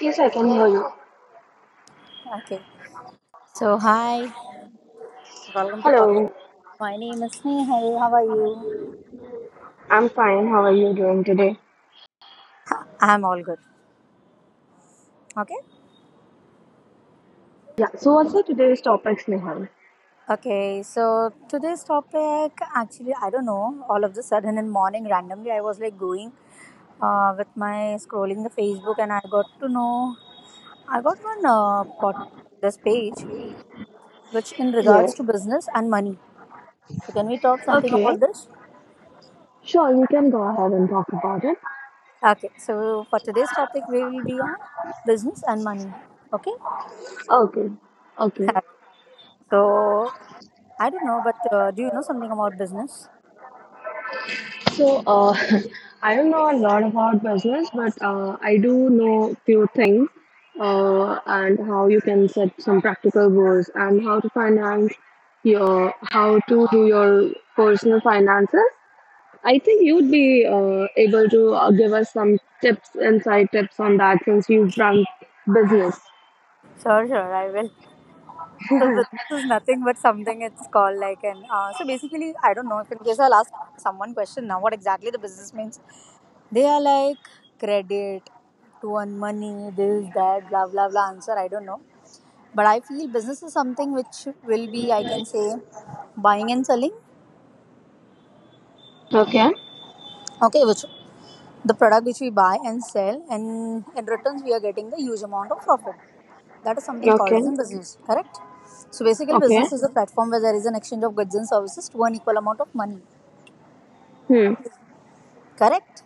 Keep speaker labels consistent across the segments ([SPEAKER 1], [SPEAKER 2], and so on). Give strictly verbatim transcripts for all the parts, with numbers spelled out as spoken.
[SPEAKER 1] Yes, I can hear you.
[SPEAKER 2] Okay. So, hi. Welcome to podcast.
[SPEAKER 1] Hello,
[SPEAKER 2] My name is Snehal. How are you?
[SPEAKER 1] I'm fine. How are you doing today?
[SPEAKER 2] I'm all good. Okay.
[SPEAKER 1] Yeah, so what's the today's topics, Nihal?
[SPEAKER 2] Okay. So, today's topic, actually, I don't know. All of the sudden in morning, randomly, I was like going uh, with my scrolling the Facebook and I got to know, I got one uh, pod, this page, which in regards
[SPEAKER 1] Yes.
[SPEAKER 2] to business and money. So, can we talk something
[SPEAKER 1] Okay.
[SPEAKER 2] about this?
[SPEAKER 1] Sure, you can go ahead and talk about it.
[SPEAKER 2] Okay. So, for today's topic, we will be on business and money. Okay.
[SPEAKER 1] Okay. Okay.
[SPEAKER 2] Okay. So I don't know, but uh, do you know something about business?
[SPEAKER 1] So, uh, I don't know a lot about business, but uh, I do know few things uh, and how you can set some practical goals and how to finance your, how to do your personal finances I think you'd be uh, able to uh, give us some tips, inside tips on that since you've run business.
[SPEAKER 2] Sure, sure, I will. So business is nothing but something. It's called like an. Uh, so basically, I don't know. If in case I'll ask someone question now, what exactly the business means? They are like credit, to earn money, this, that, blah, blah, blah. Answer I don't know, but I feel business is something which will be I can say buying and selling.
[SPEAKER 1] Okay,
[SPEAKER 2] Okay, which the product which we buy and sell and in returns we are getting the huge amount of profit, that is something called
[SPEAKER 1] okay,
[SPEAKER 2] as in business. Correct? So basically,
[SPEAKER 1] okay.
[SPEAKER 2] business is a platform where there is an exchange of goods and services to an equal amount of money.
[SPEAKER 1] Hmm.
[SPEAKER 2] Correct,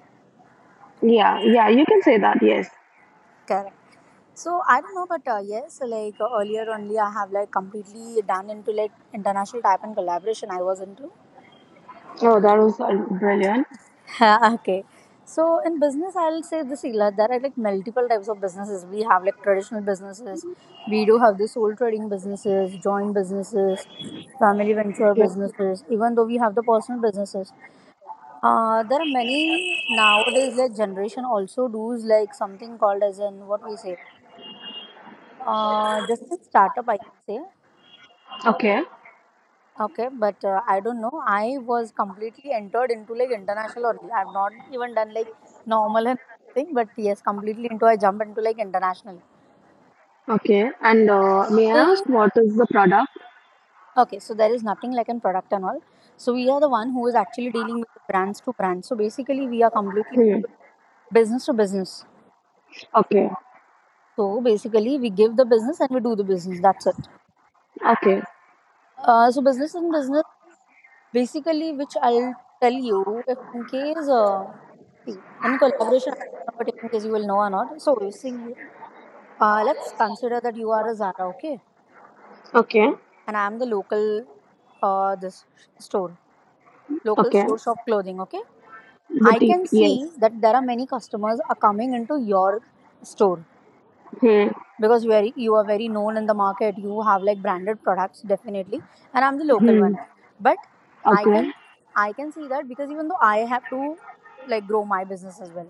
[SPEAKER 1] Yeah, yeah, you can say that, yes.
[SPEAKER 2] correct. So I don't know, but uh, yes, like uh, earlier only I have like completely done into like international type and collaboration. I was into
[SPEAKER 1] Oh, that was uh, brilliant.
[SPEAKER 2] okay. So in business, I'll say this, Ila, there are like multiple types of businesses. We have like traditional businesses. We do have the sole trading businesses, joint businesses, family venture
[SPEAKER 1] Yeah.
[SPEAKER 2] businesses. Even though we have the personal businesses, uh, there are many nowadays. Like generation also does like something called as in what we say, uh, just in startup. I can say
[SPEAKER 1] Okay,
[SPEAKER 2] okay, but uh, I don't know. I was completely entered into like international only. I've not even done like normal and thing, but yes, completely into I jump into like international
[SPEAKER 1] okay. And uh, may I ask
[SPEAKER 2] thing.
[SPEAKER 1] what is the product?
[SPEAKER 2] Okay, so there is nothing like in product and all. So we are the one who is actually dealing with the brands to brands. So basically, we are completely
[SPEAKER 1] Hmm.
[SPEAKER 2] into like business to business.
[SPEAKER 1] Okay,
[SPEAKER 2] So basically, we give the business and we do the business. That's it.
[SPEAKER 1] okay,
[SPEAKER 2] Uh, so business and business basically, which I'll tell you if in case. Uh, See, in collaboration, I don't know, but in case you will know or not. So, you see, uh, let's consider that you are a Zara, okay?
[SPEAKER 1] Okay.
[SPEAKER 2] And I am the local, uh, this store, local
[SPEAKER 1] okay.
[SPEAKER 2] store shop clothing, okay? I can
[SPEAKER 1] Boutique, yes.
[SPEAKER 2] see that there are many customers are coming into your store,
[SPEAKER 1] Hmm.
[SPEAKER 2] because you are you are very known in the market, you have like branded products definitely, and I'm the local one,
[SPEAKER 1] Hmm.
[SPEAKER 2] but I
[SPEAKER 1] Okay.
[SPEAKER 2] can, I can see that, because even though I have to like grow my business as well.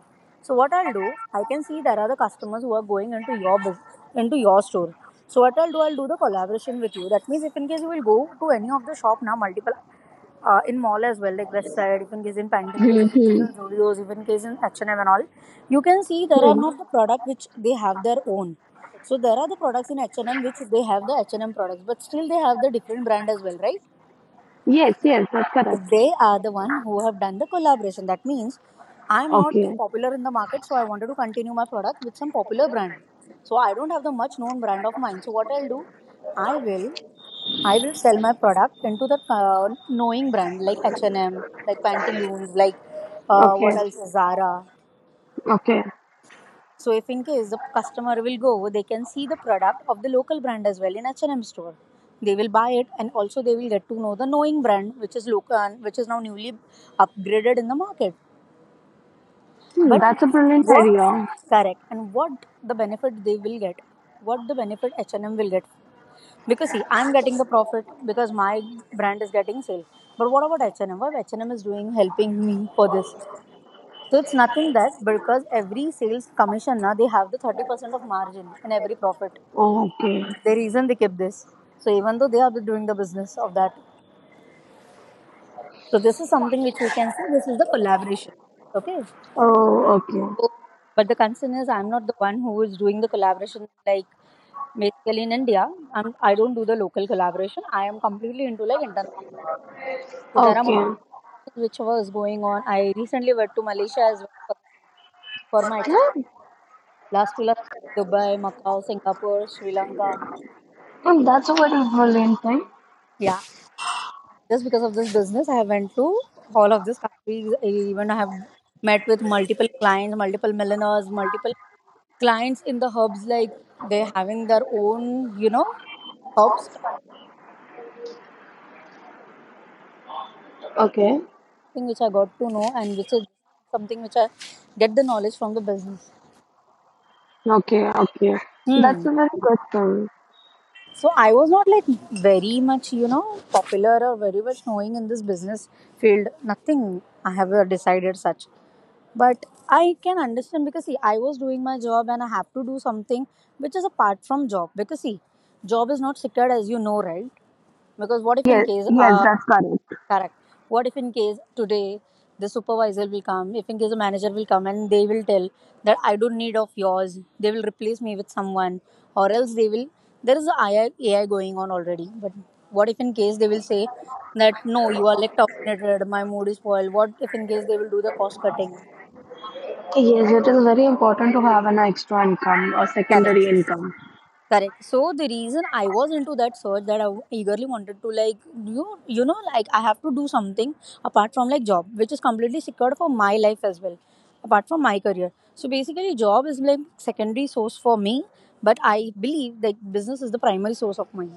[SPEAKER 2] So what I'll do, I can see there are the customers who are going into your business, into your store. So what I'll do, I'll do the collaboration with you. That means if in case you will go to any of the shop now multiple uh, in mall as well, like West Side, even case in Pantaloons,
[SPEAKER 1] Hmm.
[SPEAKER 2] even case
[SPEAKER 1] Hmm.
[SPEAKER 2] in Zudios, even case in H and M and M and all, you can see there are
[SPEAKER 1] Hmm.
[SPEAKER 2] not the product which they have their own. So there are the products in H and M which they have the H and M products, but still they have the different brand as well, right?
[SPEAKER 1] Yes, yes, that's
[SPEAKER 2] So
[SPEAKER 1] correct.
[SPEAKER 2] they are the one who have done the collaboration. That means I'm not
[SPEAKER 1] Okay,
[SPEAKER 2] popular in the market, so I wanted to continue my product with some popular brand. So I don't have the much known brand of mine. So what I'll do, I will I will sell my product into the uh, knowing brand like H and M, like Pantaloons, like uh,
[SPEAKER 1] Okay.
[SPEAKER 2] what else is Zara.
[SPEAKER 1] okay.
[SPEAKER 2] So if in case the customer will go, they can see the product of the local brand as well in H and M store. They will buy it and also they will get to know the knowing brand which is local, which is now newly upgraded in the market.
[SPEAKER 1] Hmm,
[SPEAKER 2] But
[SPEAKER 1] that's a brilliant
[SPEAKER 2] what
[SPEAKER 1] idea.
[SPEAKER 2] correct, and what the benefit they will get, what the benefit H and M will get? Because see, I'm getting the profit because my brand is getting sale, but what about H&M? What H&M is doing helping me for this? So it's nothing that, because every sales commission na, they have the thirty percent of margin in every profit,
[SPEAKER 1] Oh, okay.
[SPEAKER 2] the reason they keep this, so even though they are doing the business of that. So this is something which we can see, this is the collaboration. Okay,
[SPEAKER 1] Oh, okay.
[SPEAKER 2] so but the concern is I'm not the one who is doing the collaboration. Like basically in India, I'm I don't do the local collaboration. I am completely into like international. So there are
[SPEAKER 1] Okay.
[SPEAKER 2] multiples which was going on. I recently went to Malaysia as well for, for my ex-
[SPEAKER 1] Yeah,
[SPEAKER 2] last two last Dubai, Macau, Singapore, Sri Lanka.
[SPEAKER 1] well, that's a very brilliant thing.
[SPEAKER 2] Yeah, just because of this business, I have went to all of these countries. I even I have met with multiple clients, multiple millionaires, multiple clients in the hubs. Like they're having their own, you know, hubs
[SPEAKER 1] Okay.
[SPEAKER 2] thing which I got to know, and which is something which I get the knowledge from the business.
[SPEAKER 1] Okay. Okay. That's
[SPEAKER 2] Hmm.
[SPEAKER 1] a very good thing.
[SPEAKER 2] So I was not like very much, you know, popular or very much knowing in this business field. Nothing I have uh, decided such. But I can understand, because see, I was doing my job and I have to do something which is apart from job. Because see, job is not secured as you know, right? Because what if in
[SPEAKER 1] Yes.
[SPEAKER 2] case
[SPEAKER 1] Yes,
[SPEAKER 2] uh,
[SPEAKER 1] that's correct.
[SPEAKER 2] correct. What if in case today the supervisor will come, if in case the manager will come and they will tell that I don't need of yours, they will replace me with someone, or else they will. There is a AI, going on already, but what if in case they will say that no, you are like terminated, my mood is spoiled. What if in case they will do the cost cutting?
[SPEAKER 1] Yes, it is very important to have an extra income or
[SPEAKER 2] Correct.
[SPEAKER 1] secondary income.
[SPEAKER 2] Correct. So the reason I was into that search, that I eagerly wanted to like you you know, like I have to do something apart from like job which is completely secured for my life as well apart from my career. So basically job is like secondary source for me, but I believe that business is the primary source of mine.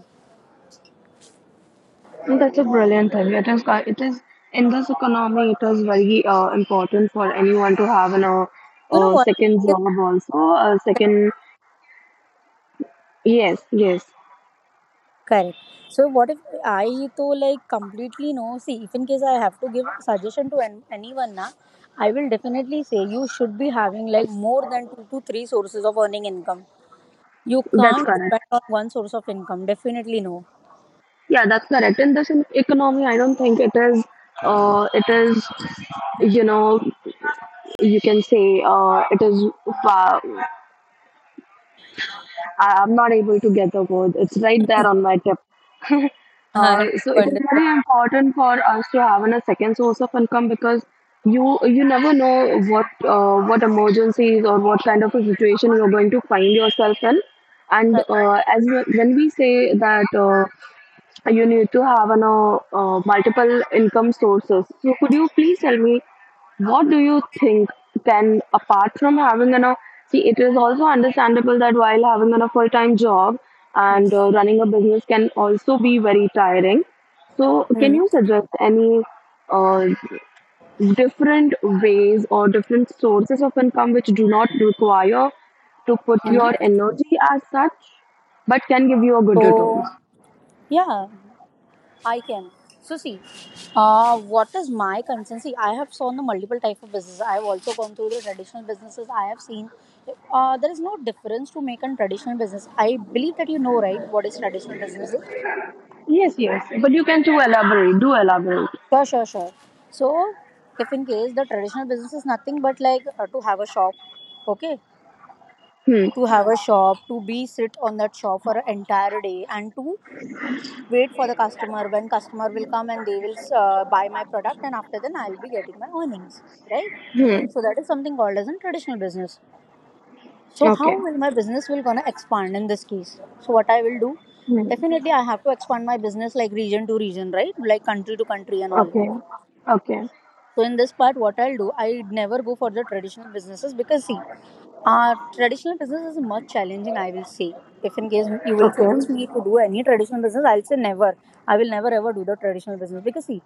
[SPEAKER 1] And that's a brilliant thing. It is. uh, It is in this economy. It is very uh, important for anyone to have an uh,
[SPEAKER 2] You know
[SPEAKER 1] uh,
[SPEAKER 2] what?
[SPEAKER 1] second job also. A second. Yes. Yes.
[SPEAKER 2] Correct. So what if I to like completely no, see if in case I have to give suggestion to an, anyone na, I will definitely say you should be having like more than two to three sources of earning income. You
[SPEAKER 1] That's
[SPEAKER 2] can't
[SPEAKER 1] correct.
[SPEAKER 2] depend on one source of income. Definitely no.
[SPEAKER 1] Yeah, that's correct. In this en- economy, I don't think it is. Uh, it is, you know, you can say uh, it is. Uh, I- I'm not able to get the word. It's right there
[SPEAKER 2] I
[SPEAKER 1] on my tip.
[SPEAKER 2] have
[SPEAKER 1] Uh, so
[SPEAKER 2] to
[SPEAKER 1] it is
[SPEAKER 2] understand.
[SPEAKER 1] very important for us to have a second source of income because you you never know what uh, what emergencies or what kind of a situation you're going to find yourself in. And
[SPEAKER 2] Correct.
[SPEAKER 1] uh, as we- when we say that. Uh, you need to have an, uh, uh, multiple income sources. So could you please tell me what do you think can apart from having an uh, see it is also understandable that while having an, a full-time job
[SPEAKER 2] Hmm.
[SPEAKER 1] and uh, running a business can also be very tiring. So can
[SPEAKER 2] Hmm.
[SPEAKER 1] you suggest any uh, different ways or different sources of income which do not require to put
[SPEAKER 2] Hmm.
[SPEAKER 1] your energy as such but can give you a good return?
[SPEAKER 2] So yeah, I can. So see, uh, what is my concern? See, I have seen the multiple type of business. I have also gone through the traditional businesses. I have seen uh, there is no difference to make on traditional business. I believe that you know, right? What is traditional business is?
[SPEAKER 1] Yes, yes. But you can too elaborate. Do elaborate.
[SPEAKER 2] Sure, sure, sure. So if in case the traditional business is nothing but like uh, to have a shop, okay,
[SPEAKER 1] Hmm.
[SPEAKER 2] to have a shop to be sit on that shop for an entire day and to wait for the customer when customer will come and they will uh, buy my product and after then I'll be getting my earnings, right?
[SPEAKER 1] Hmm.
[SPEAKER 2] So that is something called as a traditional business. So how
[SPEAKER 1] Okay.
[SPEAKER 2] will my business will gonna expand in this case? So what I will do,
[SPEAKER 1] Hmm.
[SPEAKER 2] definitely I have to expand my business like region to region, right, like country to country and all.
[SPEAKER 1] Okay. Okay.
[SPEAKER 2] So in this part what I'll do, I never go for the traditional businesses, because see Uh, traditional business is much challenging, I will say. If in case you will suggest
[SPEAKER 1] Okay.
[SPEAKER 2] me to do any traditional business, I'll say never. I will never ever do the traditional business, because see,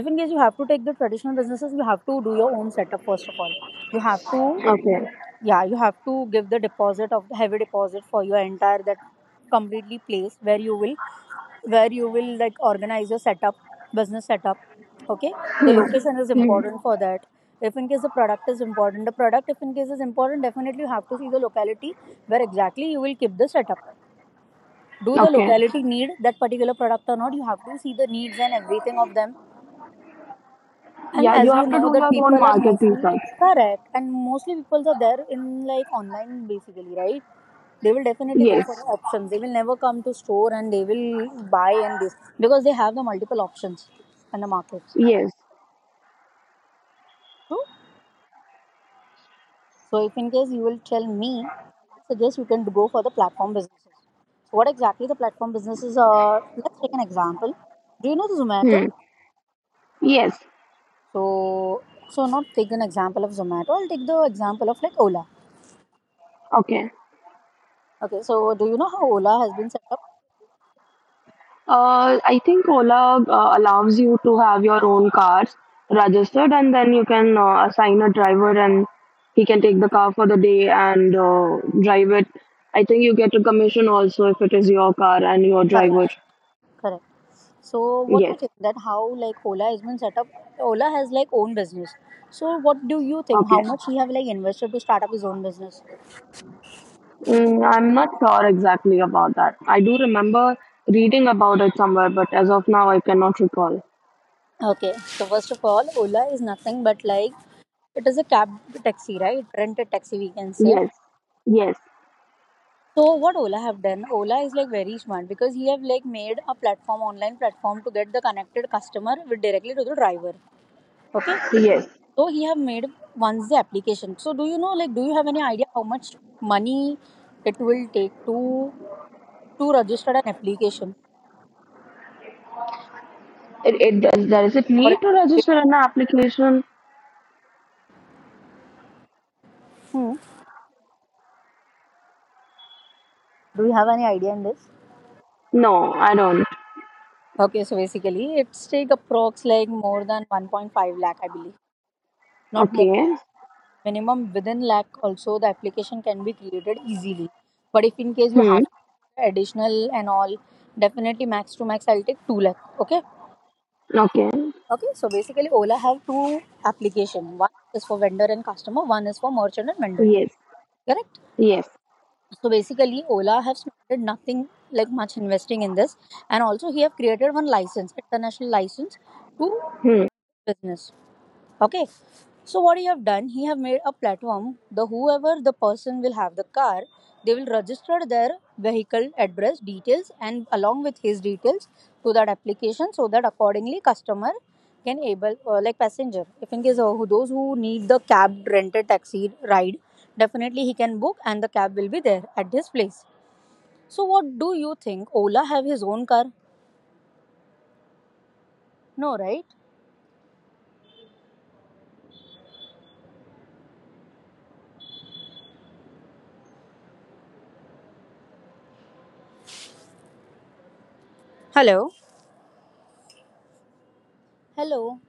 [SPEAKER 2] if in case you have to take the traditional businesses, you have to do your own setup first of all. You have to,
[SPEAKER 1] Okay.
[SPEAKER 2] yeah, you have to give the deposit of the heavy deposit for your entire that completely place where you will where you will like organize your setup business setup. Okay, the location is
[SPEAKER 1] Hmm.
[SPEAKER 2] important for that. If in case the product is important, the product if in case is important, definitely you have to see the locality where exactly you will keep the setup. Do the
[SPEAKER 1] Okay.
[SPEAKER 2] locality need that particular product or not? You have to see the needs and everything of them. And
[SPEAKER 1] Yeah, you
[SPEAKER 2] as you
[SPEAKER 1] have to
[SPEAKER 2] know
[SPEAKER 1] do
[SPEAKER 2] that
[SPEAKER 1] your own
[SPEAKER 2] people are
[SPEAKER 1] market
[SPEAKER 2] mostly
[SPEAKER 1] research.
[SPEAKER 2] correct and mostly people are there in like online basically, right? They will definitely go
[SPEAKER 1] Yes.
[SPEAKER 2] for the options. They will never come to store and they will buy and this because they have the multiple options in the market.
[SPEAKER 1] Yes.
[SPEAKER 2] True. So if in case you will tell me, I suggest you can go for the platform businesses. So what exactly the platform businesses are? Let's take an example. Do you know the Zomato?
[SPEAKER 1] Hmm. Yes.
[SPEAKER 2] So so not take an example of Zomato, I'll take the example of like Ola.
[SPEAKER 1] Okay.
[SPEAKER 2] Okay, so do you know how Ola has been set up?
[SPEAKER 1] Uh, I think Ola uh, allows you to have your own cars registered, and then you can uh, assign a driver, and he can take the car for the day and uh, drive it. I think you get a commission also if it is your car and your
[SPEAKER 2] Correct,
[SPEAKER 1] driver.
[SPEAKER 2] correct. So what do
[SPEAKER 1] Yes.
[SPEAKER 2] you think that how like Ola has been set up? Ola has like own business. So what do you think? How
[SPEAKER 1] Okay.
[SPEAKER 2] much he have like invested to start up his own business?
[SPEAKER 1] Mm, I'm not sure exactly about that. I do remember reading about it somewhere, but as of now, I cannot recall.
[SPEAKER 2] Okay, so first of all, Ola is nothing but like it is a cab taxi, right? Rented taxi, we can say.
[SPEAKER 1] Yes. Yes.
[SPEAKER 2] So what Ola have done? Ola is like very smart because he have like made a platform, online platform to get the connected customer with directly to the driver. Okay,
[SPEAKER 1] Yes.
[SPEAKER 2] so he have made once the application. So do you know, like, do you have any idea how much money it will take to to register an application
[SPEAKER 1] It, it does. Does it
[SPEAKER 2] or...
[SPEAKER 1] need to register an application?
[SPEAKER 2] Hmm. Do you have any idea in this?
[SPEAKER 1] No, I don't.
[SPEAKER 2] Okay, so basically it's take approx like more than 1.5 lakh I believe, not more,
[SPEAKER 1] Okay.
[SPEAKER 2] minimum within lakh also the application can be created easily, but if in case you
[SPEAKER 1] Hmm.
[SPEAKER 2] have additional and all, definitely max to max I'll take 2 lakh. Okay,
[SPEAKER 1] Okay.
[SPEAKER 2] okay, so basically Ola have two application. One is for vendor and customer, one is for merchant and vendor.
[SPEAKER 1] Yes.
[SPEAKER 2] Correct?
[SPEAKER 1] Yes.
[SPEAKER 2] So basically Ola have spent nothing like much investing in this and also he have created one license, international license to
[SPEAKER 1] Hmm.
[SPEAKER 2] business. Okay. So what he have done, he have made a platform. The whoever the person will have the car, they will register their vehicle address details and along with his details to that application, so that accordingly customer can able uh, like passenger. If in case uh, who- those who need the cab rented taxi ride, definitely he can book and the cab will be there at his place. So what do you think? Ola have his own car? No, right? Hello. Hello.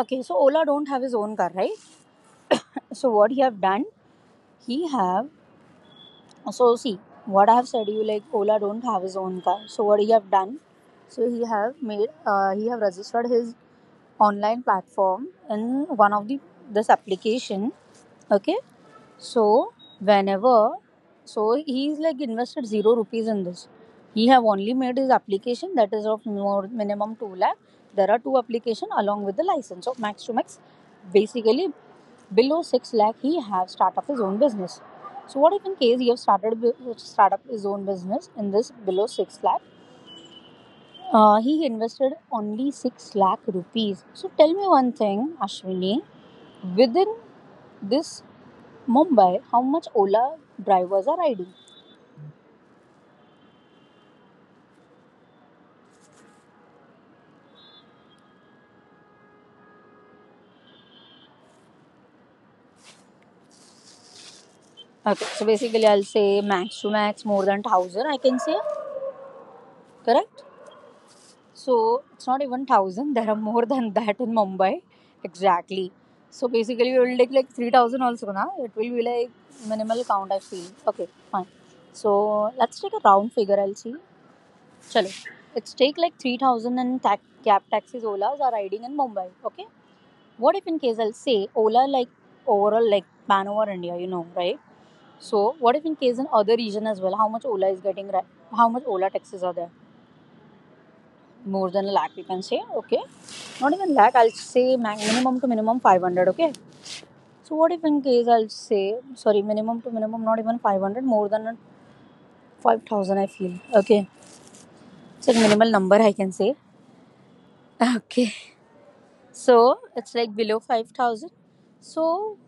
[SPEAKER 2] Okay, so Ola don't have his own car, right? So what he have done? He have... So see, what I have said you like Ola don't have his own car. So what he have done? So he have made uh, he have registered his online platform in one of the this application. Okay, so whenever, so he's like invested zero rupees in this. He have only made his application that is of more minimum two lakh. There are two application along with the license. So max to max, basically below six lakh he have start up his own business. So what if in case he have started bu- start up his own business in this below six lakh? Uh, he invested only six lakh rupees. So tell me one thing, Ashwini, within this Mumbai, how much Ola drivers are riding? Okay, so basically, I'll say max to max more than thousand, I can say, correct. So it's not even thousand. There are more than that in Mumbai, exactly. So basically, we will take like three thousand also, na? It will be like minimal count, I feel. Okay, fine. So let's take a round figure, I'll see. Chalo, it's take like three thousand and ta- cab taxis Olas are riding in Mumbai. Okay, what if in case I'll say Ola like overall like pan over India, you know, right? So what if in case in other region as well, how much Ola is getting right? How much Ola taxes are there? More than a lakh, we can say. Okay, not even lakh. I'll say minimum to minimum five hundred. Okay. So what if in case I'll say sorry, minimum to minimum, not even five hundred, more than five thousand, I feel. Okay. It's a minimal number I can say. Okay. So it's like below five thousand. So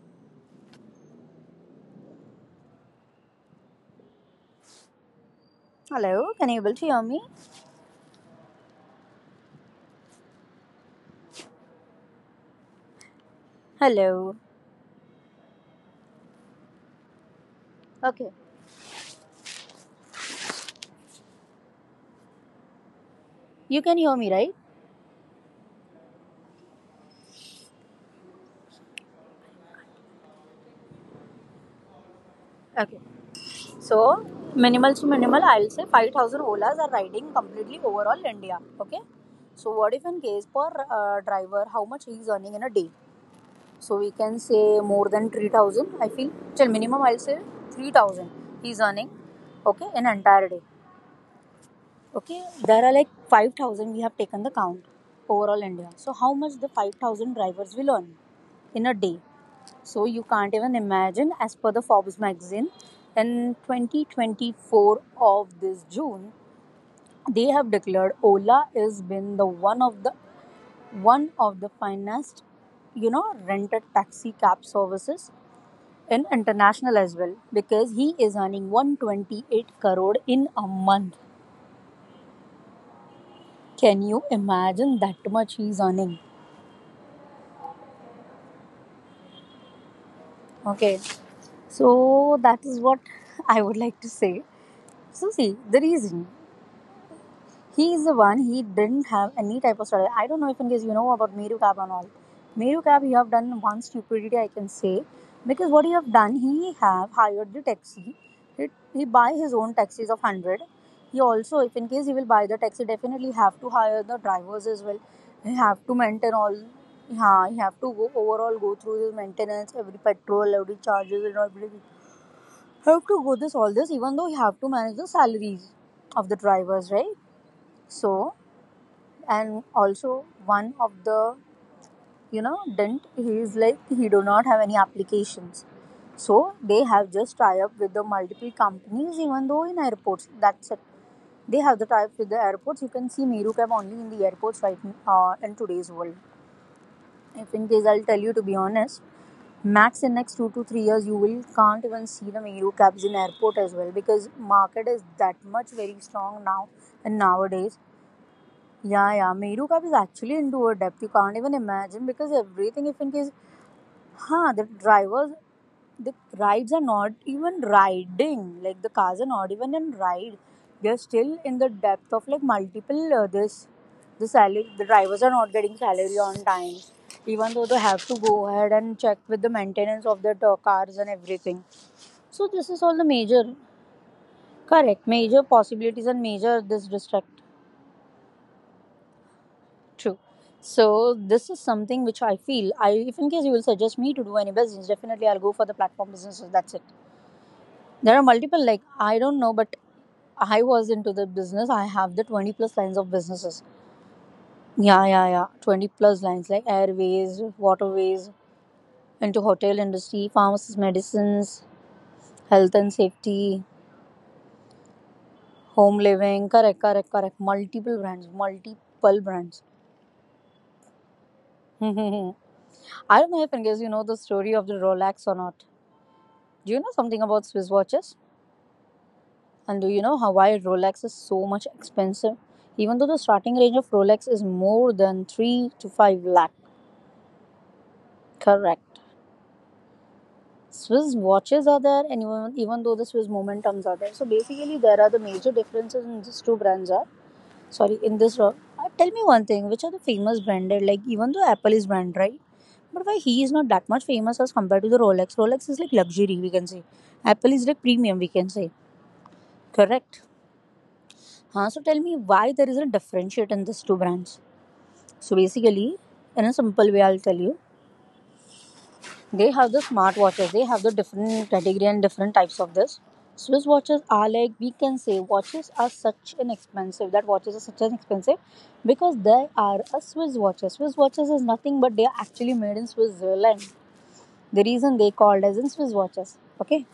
[SPEAKER 2] hello, can you able to hear me? Hello. Okay. You can hear me, right? Okay. So minimal to minimal, I'll say five thousand Olas are riding completely overall India. Okay. So what if in case for uh, driver, how much he is earning in a day? So we can say more than three thousand, I feel. Till minimum I'll say three thousand he is earning. Okay, in entire day. Okay, there are like five thousand we have taken the count overall India. So how much the five thousand drivers will earn in a day? So you can't even imagine, as per the Forbes magazine, in twenty twenty-four of this June, they have declared Ola has been the one of the one of the finest, you know, rented taxi cab services in international as well, because he is earning one hundred twenty-eight crore in a month. Can you imagine that much he's earning? Okay, so that is what I would like to say. So see the reason. He is the one. He didn't have any type of study. I don't know if in case you know about Meru Cab and all. Meru Cab, you have done one stupidity I can say, because what he have done, he have hired the taxi. He, he buy his own taxis of one hundred. He also, if in case he will buy the taxi, definitely have to hire the drivers as well. He have to maintain all. Yeah, he have to go overall go through his maintenance, every petrol, every charges and everything. Have to go this all this, even though he have to manage the salaries of the drivers, right? So and also one of the, you know, dent he is like, he do not have any applications, so they have just tie up with the multiple companies, even though in airports, that's it, they have the tie up with the airports. You can see Meru Cab only in the airports, right? Uh, in today's world, if in case I'll tell you to be honest, max in next two to three years you will can't even see the Meru cabs in airport as well, because market is that much very strong now and nowadays. Yeah, yeah. Meru Cup is actually into a depth you can't even imagine, because everything, if in case, huh, the drivers, the rides are not even riding. Like the cars are not even in ride. They're still in the depth of like multiple uh, this. The salary, the drivers are not getting salary on time, even though they have to go ahead and check with the maintenance of their uh, cars and everything. So this is all the major, correct, major possibilities and major this distract. True. So this is something which I feel. I if in case you will suggest me to do any business, definitely I'll go for the platform businesses. That's it. There are multiple, like I don't know, but I was into the business. I have the twenty plus lines of businesses. Yeah, yeah, yeah. Twenty plus lines like airways, waterways, into hotel industry, pharmacists, medicines, health and safety, home living. Correct, correct, correct. Multiple brands, multiple brands. I don't know if in case you know the story of the Rolex or not. Do you know something about Swiss watches? And do you know how why Rolex is so much expensive? Even though the starting range of Rolex is more than three to five lakh. Correct. Swiss watches are there and even, even though the Swiss momentums are there. So basically there are the major differences in these two brands are. Sorry, in this ro- uh, tell me one thing, which are the famous branded? Like even though Apple is brand, right? But why he is not that much famous as compared to the Rolex? Rolex is like luxury, we can say. Apple is like premium, we can say. Correct. Huh? So tell me why there is a differentiate in these two brands. So basically, in a simple way, I'll tell you. They have the smartwatches. They have the different category and different types of this. Swiss watches are like we can say watches are such an expensive that watches are such an expensive because they are a Swiss watches. Swiss watches is nothing but they are actually made in Switzerland. The reason they called as in Swiss watches. Okay,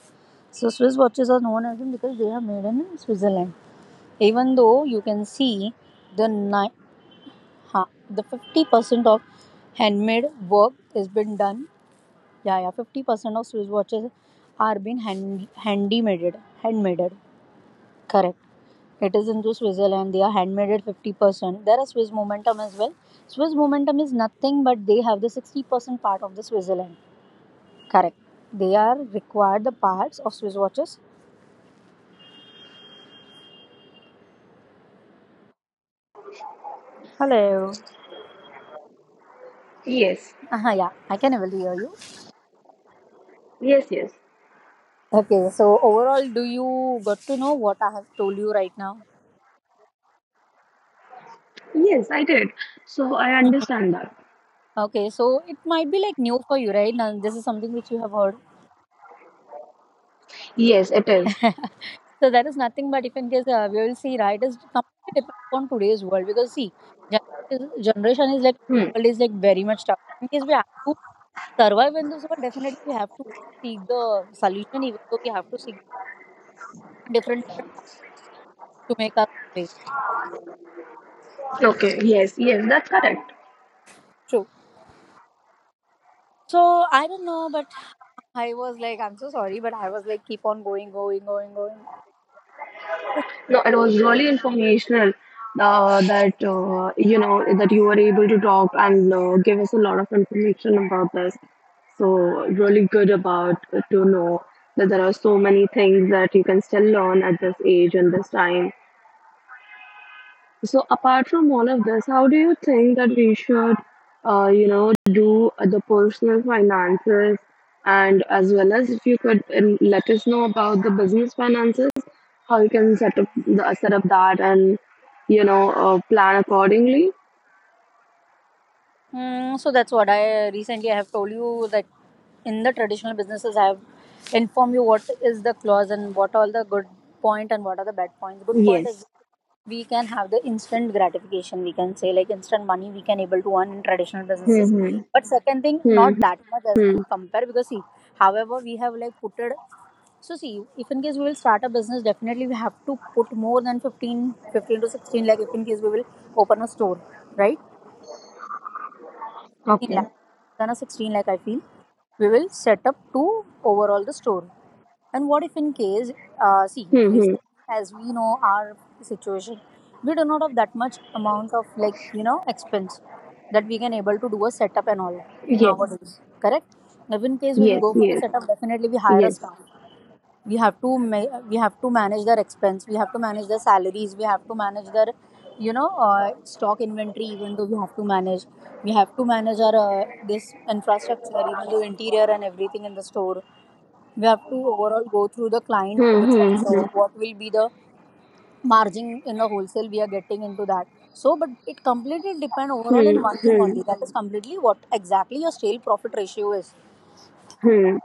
[SPEAKER 2] so Swiss watches are known as them because they are made in Switzerland. Even though you can see the ni- Huh? the fifty percent of handmade work has been done. Yeah, yeah, fifty percent of Swiss watches are being hand handmade. Handmade, correct. It is in Switzerland. They are handmade at fifty percent. There are Swiss Momentum as well. Swiss Momentum is nothing but they have the sixty percent part of the Switzerland. Correct. They are required the parts of Swiss watches. Hello.
[SPEAKER 1] Yes,
[SPEAKER 2] Uh-huh, yeah, I can even hear you.
[SPEAKER 1] yes, yes,
[SPEAKER 2] Okay, so overall, do you got to know what I have told you right now?
[SPEAKER 1] yes, I did. So I understand that.
[SPEAKER 2] Okay, so it might be like new for you, right? Now, this is something which you have heard.
[SPEAKER 1] Yes, it is.
[SPEAKER 2] So that is nothing but if in case uh, we will see, right, it's completely depend upon today's world because see, generation is generation is like
[SPEAKER 1] Hmm.
[SPEAKER 2] world is like very much tough. In case we have to survive in this world, definitely we have to seek the solution, even though we have to seek different different paths to make our way.
[SPEAKER 1] Okay, yes, yes, that's correct.
[SPEAKER 2] True. So I don't know, but I was like, I'm so sorry, but I was like, keep on going, going, going, going.
[SPEAKER 1] No, it was really informational uh, that uh, you know that you were able to talk and uh, give us a lot of information about this. So really good about uh, to know that there are so many things that you can still learn at this age and this time. So apart from all of this, how do you think that we should, uh, you know, do the personal finances and as well as if you could um, let us know about the business finances, how you can set up the, set up that and you know uh, plan accordingly.
[SPEAKER 2] Mm, so that's what I recently I have told you that in the traditional businesses I have informed you what is the clause and what all the good point and what are the bad points. Good point is
[SPEAKER 1] Yes.
[SPEAKER 2] we can have the instant gratification. We can say like instant money we can able to earn in traditional businesses.
[SPEAKER 1] Hmm.
[SPEAKER 2] But second thing,
[SPEAKER 1] Hmm.
[SPEAKER 2] not that much as we
[SPEAKER 1] Hmm.
[SPEAKER 2] compare because see, however we have like put it. So see, if in case we will start a business, definitely we have to put more than fifteen, fifteen to sixteen, like if in case we will open a store, right? sixteen lakh,
[SPEAKER 1] Okay.
[SPEAKER 2] more than a sixteen lakh, I feel. We will set up to overall the store. And what if in case, uh, see,
[SPEAKER 1] Hmm. Hmm.
[SPEAKER 2] recently, as we know our situation, we do not have that much amount of like, you know, expense that we can able to do a setup and all in
[SPEAKER 1] Yes.
[SPEAKER 2] nowadays, correct? If in case we will
[SPEAKER 1] Yes.
[SPEAKER 2] go for the
[SPEAKER 1] Yes.
[SPEAKER 2] setup, definitely we hire a
[SPEAKER 1] Yes.
[SPEAKER 2] staff. We have to ma- we have to manage their expense, we have to manage their salaries, we have to manage their you know uh, stock inventory. Even though we have to manage we have to manage our uh, this infrastructure, even though interior and everything in the store, we have to overall go through the client.
[SPEAKER 1] Hmm.
[SPEAKER 2] This also,
[SPEAKER 1] Hmm.
[SPEAKER 2] what will be the margin in the wholesale we are getting into? That so, but it completely depend overall
[SPEAKER 1] Hmm.
[SPEAKER 2] in one
[SPEAKER 1] Hmm.
[SPEAKER 2] thing
[SPEAKER 1] Hmm.
[SPEAKER 2] only, that is completely what exactly your sale profit ratio is.
[SPEAKER 1] hmm.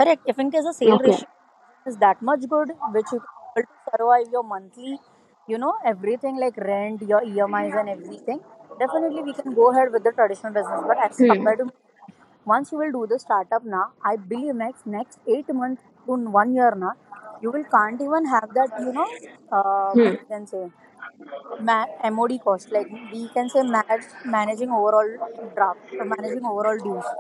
[SPEAKER 2] Correct. If in case the sale
[SPEAKER 1] Okay.
[SPEAKER 2] ratio margin is that much good, which you can able to survive your monthly, you know, everything like rent, your E M Is and everything, definitely we can go ahead with the traditional business. But as
[SPEAKER 1] Hmm.
[SPEAKER 2] compared to once you will do the startup now, I believe next next eight months to one year now, you will can't even have that, you know, uh,
[SPEAKER 1] Hmm.
[SPEAKER 2] what we can say, ma- MOD cost. Like we can say ma- managing overall draft, or managing overall dues.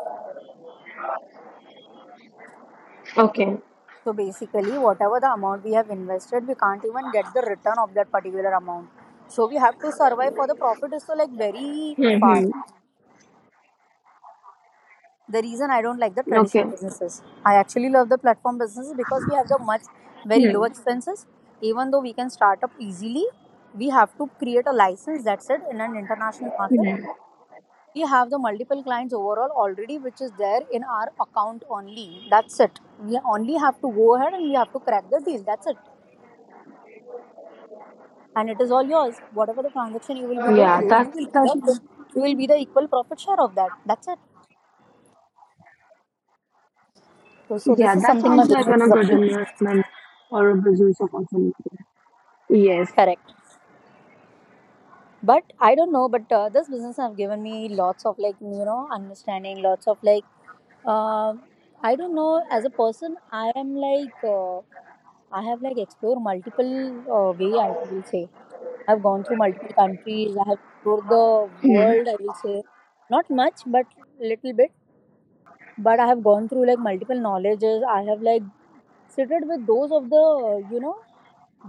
[SPEAKER 1] Okay.
[SPEAKER 2] So basically, whatever the amount we have invested, we can't even get the return of that particular amount. So we have to survive for the profit is so like very
[SPEAKER 1] Hmm. hmm.
[SPEAKER 2] far. The reason I don't like the
[SPEAKER 1] Okay.
[SPEAKER 2] traditional businesses. I actually love the platform businesses because we have the much very low
[SPEAKER 1] Hmm.
[SPEAKER 2] expenses. Even though we can start up easily, we have to create a license. That's it, in an international market.
[SPEAKER 1] Hmm.
[SPEAKER 2] We have the multiple clients overall already, which is there in our account only. That's it. We only have to go ahead and we have to crack the deal. That's it, and it is all yours. Whatever the transaction you will be go
[SPEAKER 1] Yeah,
[SPEAKER 2] through, you
[SPEAKER 1] that's
[SPEAKER 2] will be
[SPEAKER 1] that.
[SPEAKER 2] the you will be the equal profit share of that. That's it. So, so
[SPEAKER 1] Yeah,
[SPEAKER 2] this is
[SPEAKER 1] that
[SPEAKER 2] something my
[SPEAKER 1] sounds like
[SPEAKER 2] business
[SPEAKER 1] an, a
[SPEAKER 2] is up
[SPEAKER 1] good
[SPEAKER 2] to.
[SPEAKER 1] investment or a business opportunity. Yes.
[SPEAKER 2] Correct. But I don't know. But uh, this business have given me lots of like you know understanding, lots of like uh, I don't know. As a person, I am like uh, I have like explored multiple uh, way. I will say I've gone through multiple countries. I have explored the world. I will say not much, but little bit, but I have gone through like multiple knowledges. I have like sitted with those of the you know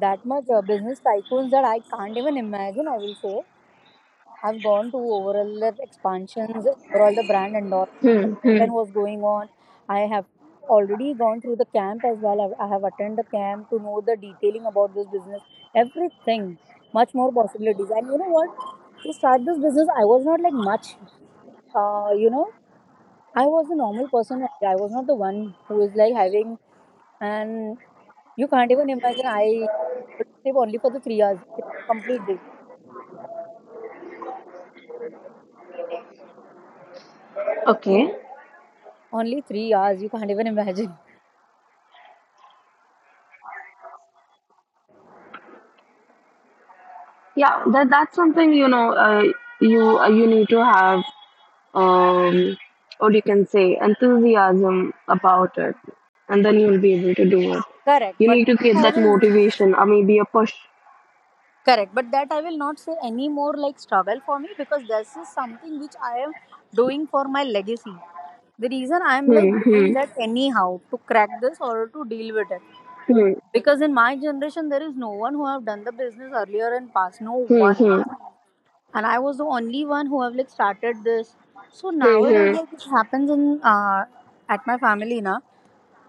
[SPEAKER 2] that much uh, business tycoons that I can't even imagine. I will say I've gone to overall the expansions, overall the brand endorsement
[SPEAKER 1] Hmm. Hmm.
[SPEAKER 2] was going on. I have already gone through the camp as well. I I have attended the camp to know the detailing about this business, everything, much more possibilities. And you know what, to start this business I was not like much uh, you know I was a normal person only. I was not the one who is like having, and you can't even imagine I would sleep only for the three hours, in a complete day.
[SPEAKER 1] Okay.
[SPEAKER 2] Only three hours. You can't even imagine.
[SPEAKER 1] Yeah, that that's something you know. Uh, you uh, you need to have um, or you can say enthusiasm about it, and then you'll be able to do it.
[SPEAKER 2] Correct,
[SPEAKER 1] You
[SPEAKER 2] but
[SPEAKER 1] need to get
[SPEAKER 2] I
[SPEAKER 1] that
[SPEAKER 2] will,
[SPEAKER 1] motivation or maybe a push.
[SPEAKER 2] correct, but that I will not say any more like struggle for me, because this is something which I am doing for my legacy. The reason I am like
[SPEAKER 1] Hmm.
[SPEAKER 2] doing
[SPEAKER 1] Hmm.
[SPEAKER 2] that anyhow to crack this or to deal with it,
[SPEAKER 1] Hmm.
[SPEAKER 2] because in my generation there is no one who have done the business earlier and past. No
[SPEAKER 1] Hmm.
[SPEAKER 2] one.
[SPEAKER 1] Hmm.
[SPEAKER 2] And I was the only one who have like started this. So
[SPEAKER 1] Hmm.
[SPEAKER 2] nowadays,
[SPEAKER 1] Hmm.
[SPEAKER 2] like it happens in uh, at my family, na,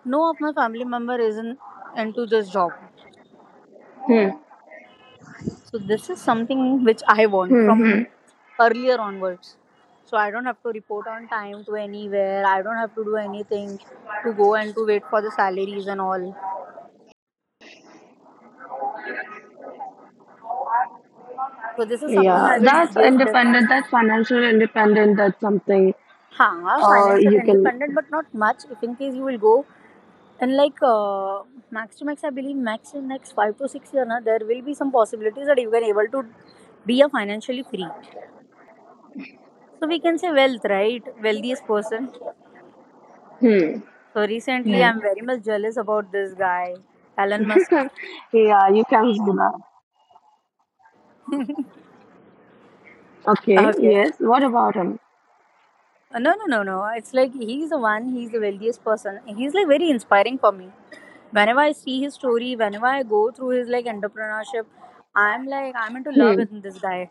[SPEAKER 2] no of my family member isn't into this job.
[SPEAKER 1] Hmm.
[SPEAKER 2] So this is something which I want
[SPEAKER 1] Hmm. Hmm.
[SPEAKER 2] from earlier onwards. So I don't have to report on time to anywhere. I don't have to do anything to go and to wait for the salaries and all. So this is something
[SPEAKER 1] Yeah,
[SPEAKER 2] I will
[SPEAKER 1] that's
[SPEAKER 2] give,
[SPEAKER 1] independent. That's financial independent. That's something
[SPEAKER 2] Huh,
[SPEAKER 1] uh
[SPEAKER 2] financial
[SPEAKER 1] you can.
[SPEAKER 2] independent, but not much. If in case you will go and like uh, max to max, I believe max in next five to six year, na, there will be some possibilities that you can able to be a financially free. So we can say wealth, right? Wealthiest person.
[SPEAKER 1] Hmm.
[SPEAKER 2] So recently,
[SPEAKER 1] hmm.
[SPEAKER 2] I'm very much jealous about this guy, Elon Musk.
[SPEAKER 1] yeah, you can do that. Okay.
[SPEAKER 2] Okay.
[SPEAKER 1] Yes. What about him?
[SPEAKER 2] Uh, No, no, no, no. It's like he's the one, he's the wealthiest person. He's like very inspiring for me. Whenever I see his story, whenever I go through his like entrepreneurship, I'm like, I'm into love
[SPEAKER 1] Hmm.
[SPEAKER 2] with this guy.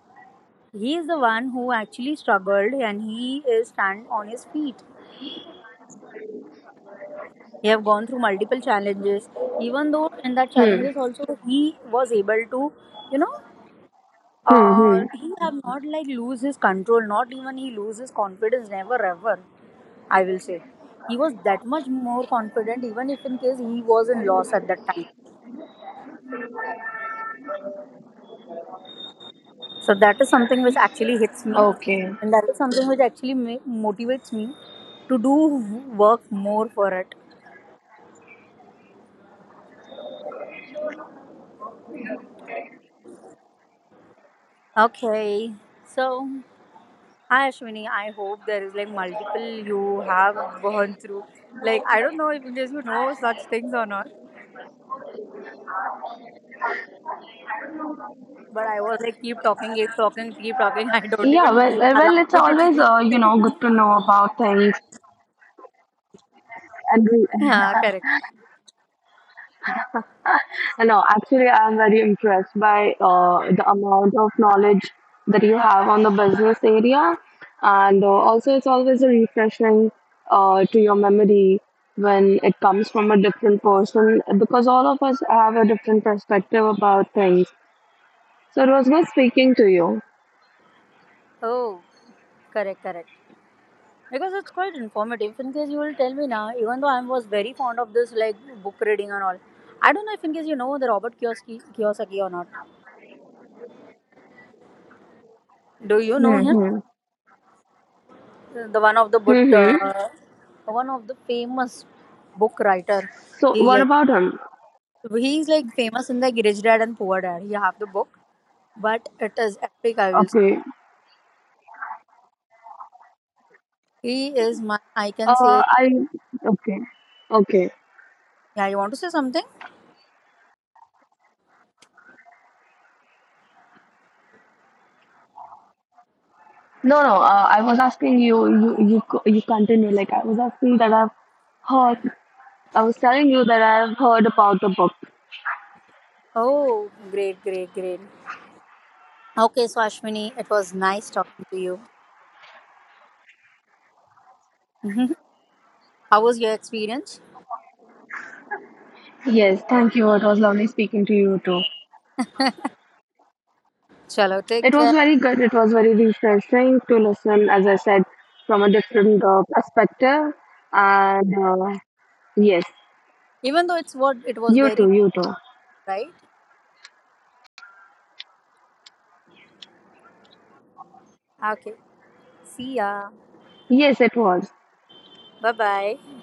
[SPEAKER 2] He is the one who actually struggled and he is stand on his feet. He have gone through multiple challenges. Even though in that
[SPEAKER 1] Hmm.
[SPEAKER 2] challenges also he was able to, you know,
[SPEAKER 1] Hmm.
[SPEAKER 2] Uh,
[SPEAKER 1] Hmm.
[SPEAKER 2] he have not like lose his control, not even he lose his confidence, never ever. I will say he was that much more confident, even if in case he was in loss at that time. So that is something which actually hits me,
[SPEAKER 1] Okay.
[SPEAKER 2] and that is something which actually ma- motivates me to do work more for it. Okay, so hi Ashwini. I hope there is like multiple you have gone through. Like I don't know if because you know such things or not. But I was like, keep talking, keep talking, keep talking. I don't
[SPEAKER 1] Yeah.
[SPEAKER 2] even
[SPEAKER 1] Well. uh,
[SPEAKER 2] allow
[SPEAKER 1] Well, it's
[SPEAKER 2] you to
[SPEAKER 1] always
[SPEAKER 2] speak.
[SPEAKER 1] uh you know good to know about things and
[SPEAKER 2] Yeah, correct.
[SPEAKER 1] No, actually, I'm very impressed by uh, the amount of knowledge that you have on the business area. And uh, also, it's always a refreshing uh, to your memory when it comes from a different person because all of us have a different perspective about things. So, it was good speaking to you.
[SPEAKER 2] Oh, correct, correct. Because it's quite informative. In case you will tell me now, even though I was very fond of this like book reading and all, I don't know if in case you know the Robert Kiyosaki, Kiyosaki or not. Do you know him?
[SPEAKER 1] Mm-hmm.
[SPEAKER 2] The one of the but
[SPEAKER 1] Mm-hmm.
[SPEAKER 2] uh, one of the famous book writer.
[SPEAKER 1] So,
[SPEAKER 2] He
[SPEAKER 1] what
[SPEAKER 2] like
[SPEAKER 1] about him?
[SPEAKER 2] he's like famous in the Rich Dad and Poor Dad. You have the book, but it is epic, I will say.
[SPEAKER 1] Okay.
[SPEAKER 2] He is my, I can say,
[SPEAKER 1] Uh, I. Okay. Okay.
[SPEAKER 2] yeah, you want to say something?
[SPEAKER 1] No, no. Uh, I was asking you, you, you, co- you continue. Like I was asking that I've heard. I was telling you that I've heard about the book.
[SPEAKER 2] Oh, great, great, great. Okay, Swashmini, it was nice talking to you. Mhm. How was your experience?
[SPEAKER 1] Yes, thank you. It was lovely speaking to you too.
[SPEAKER 2] Chalo, take
[SPEAKER 1] It was
[SPEAKER 2] care.
[SPEAKER 1] very good. It was very refreshing to listen, as I said, from a different uh, perspective. And uh, yes,
[SPEAKER 2] Even though it's what it was
[SPEAKER 1] you
[SPEAKER 2] very,
[SPEAKER 1] too, you too.
[SPEAKER 2] right? Okay, see ya.
[SPEAKER 1] Yes, it was.
[SPEAKER 2] Bye bye.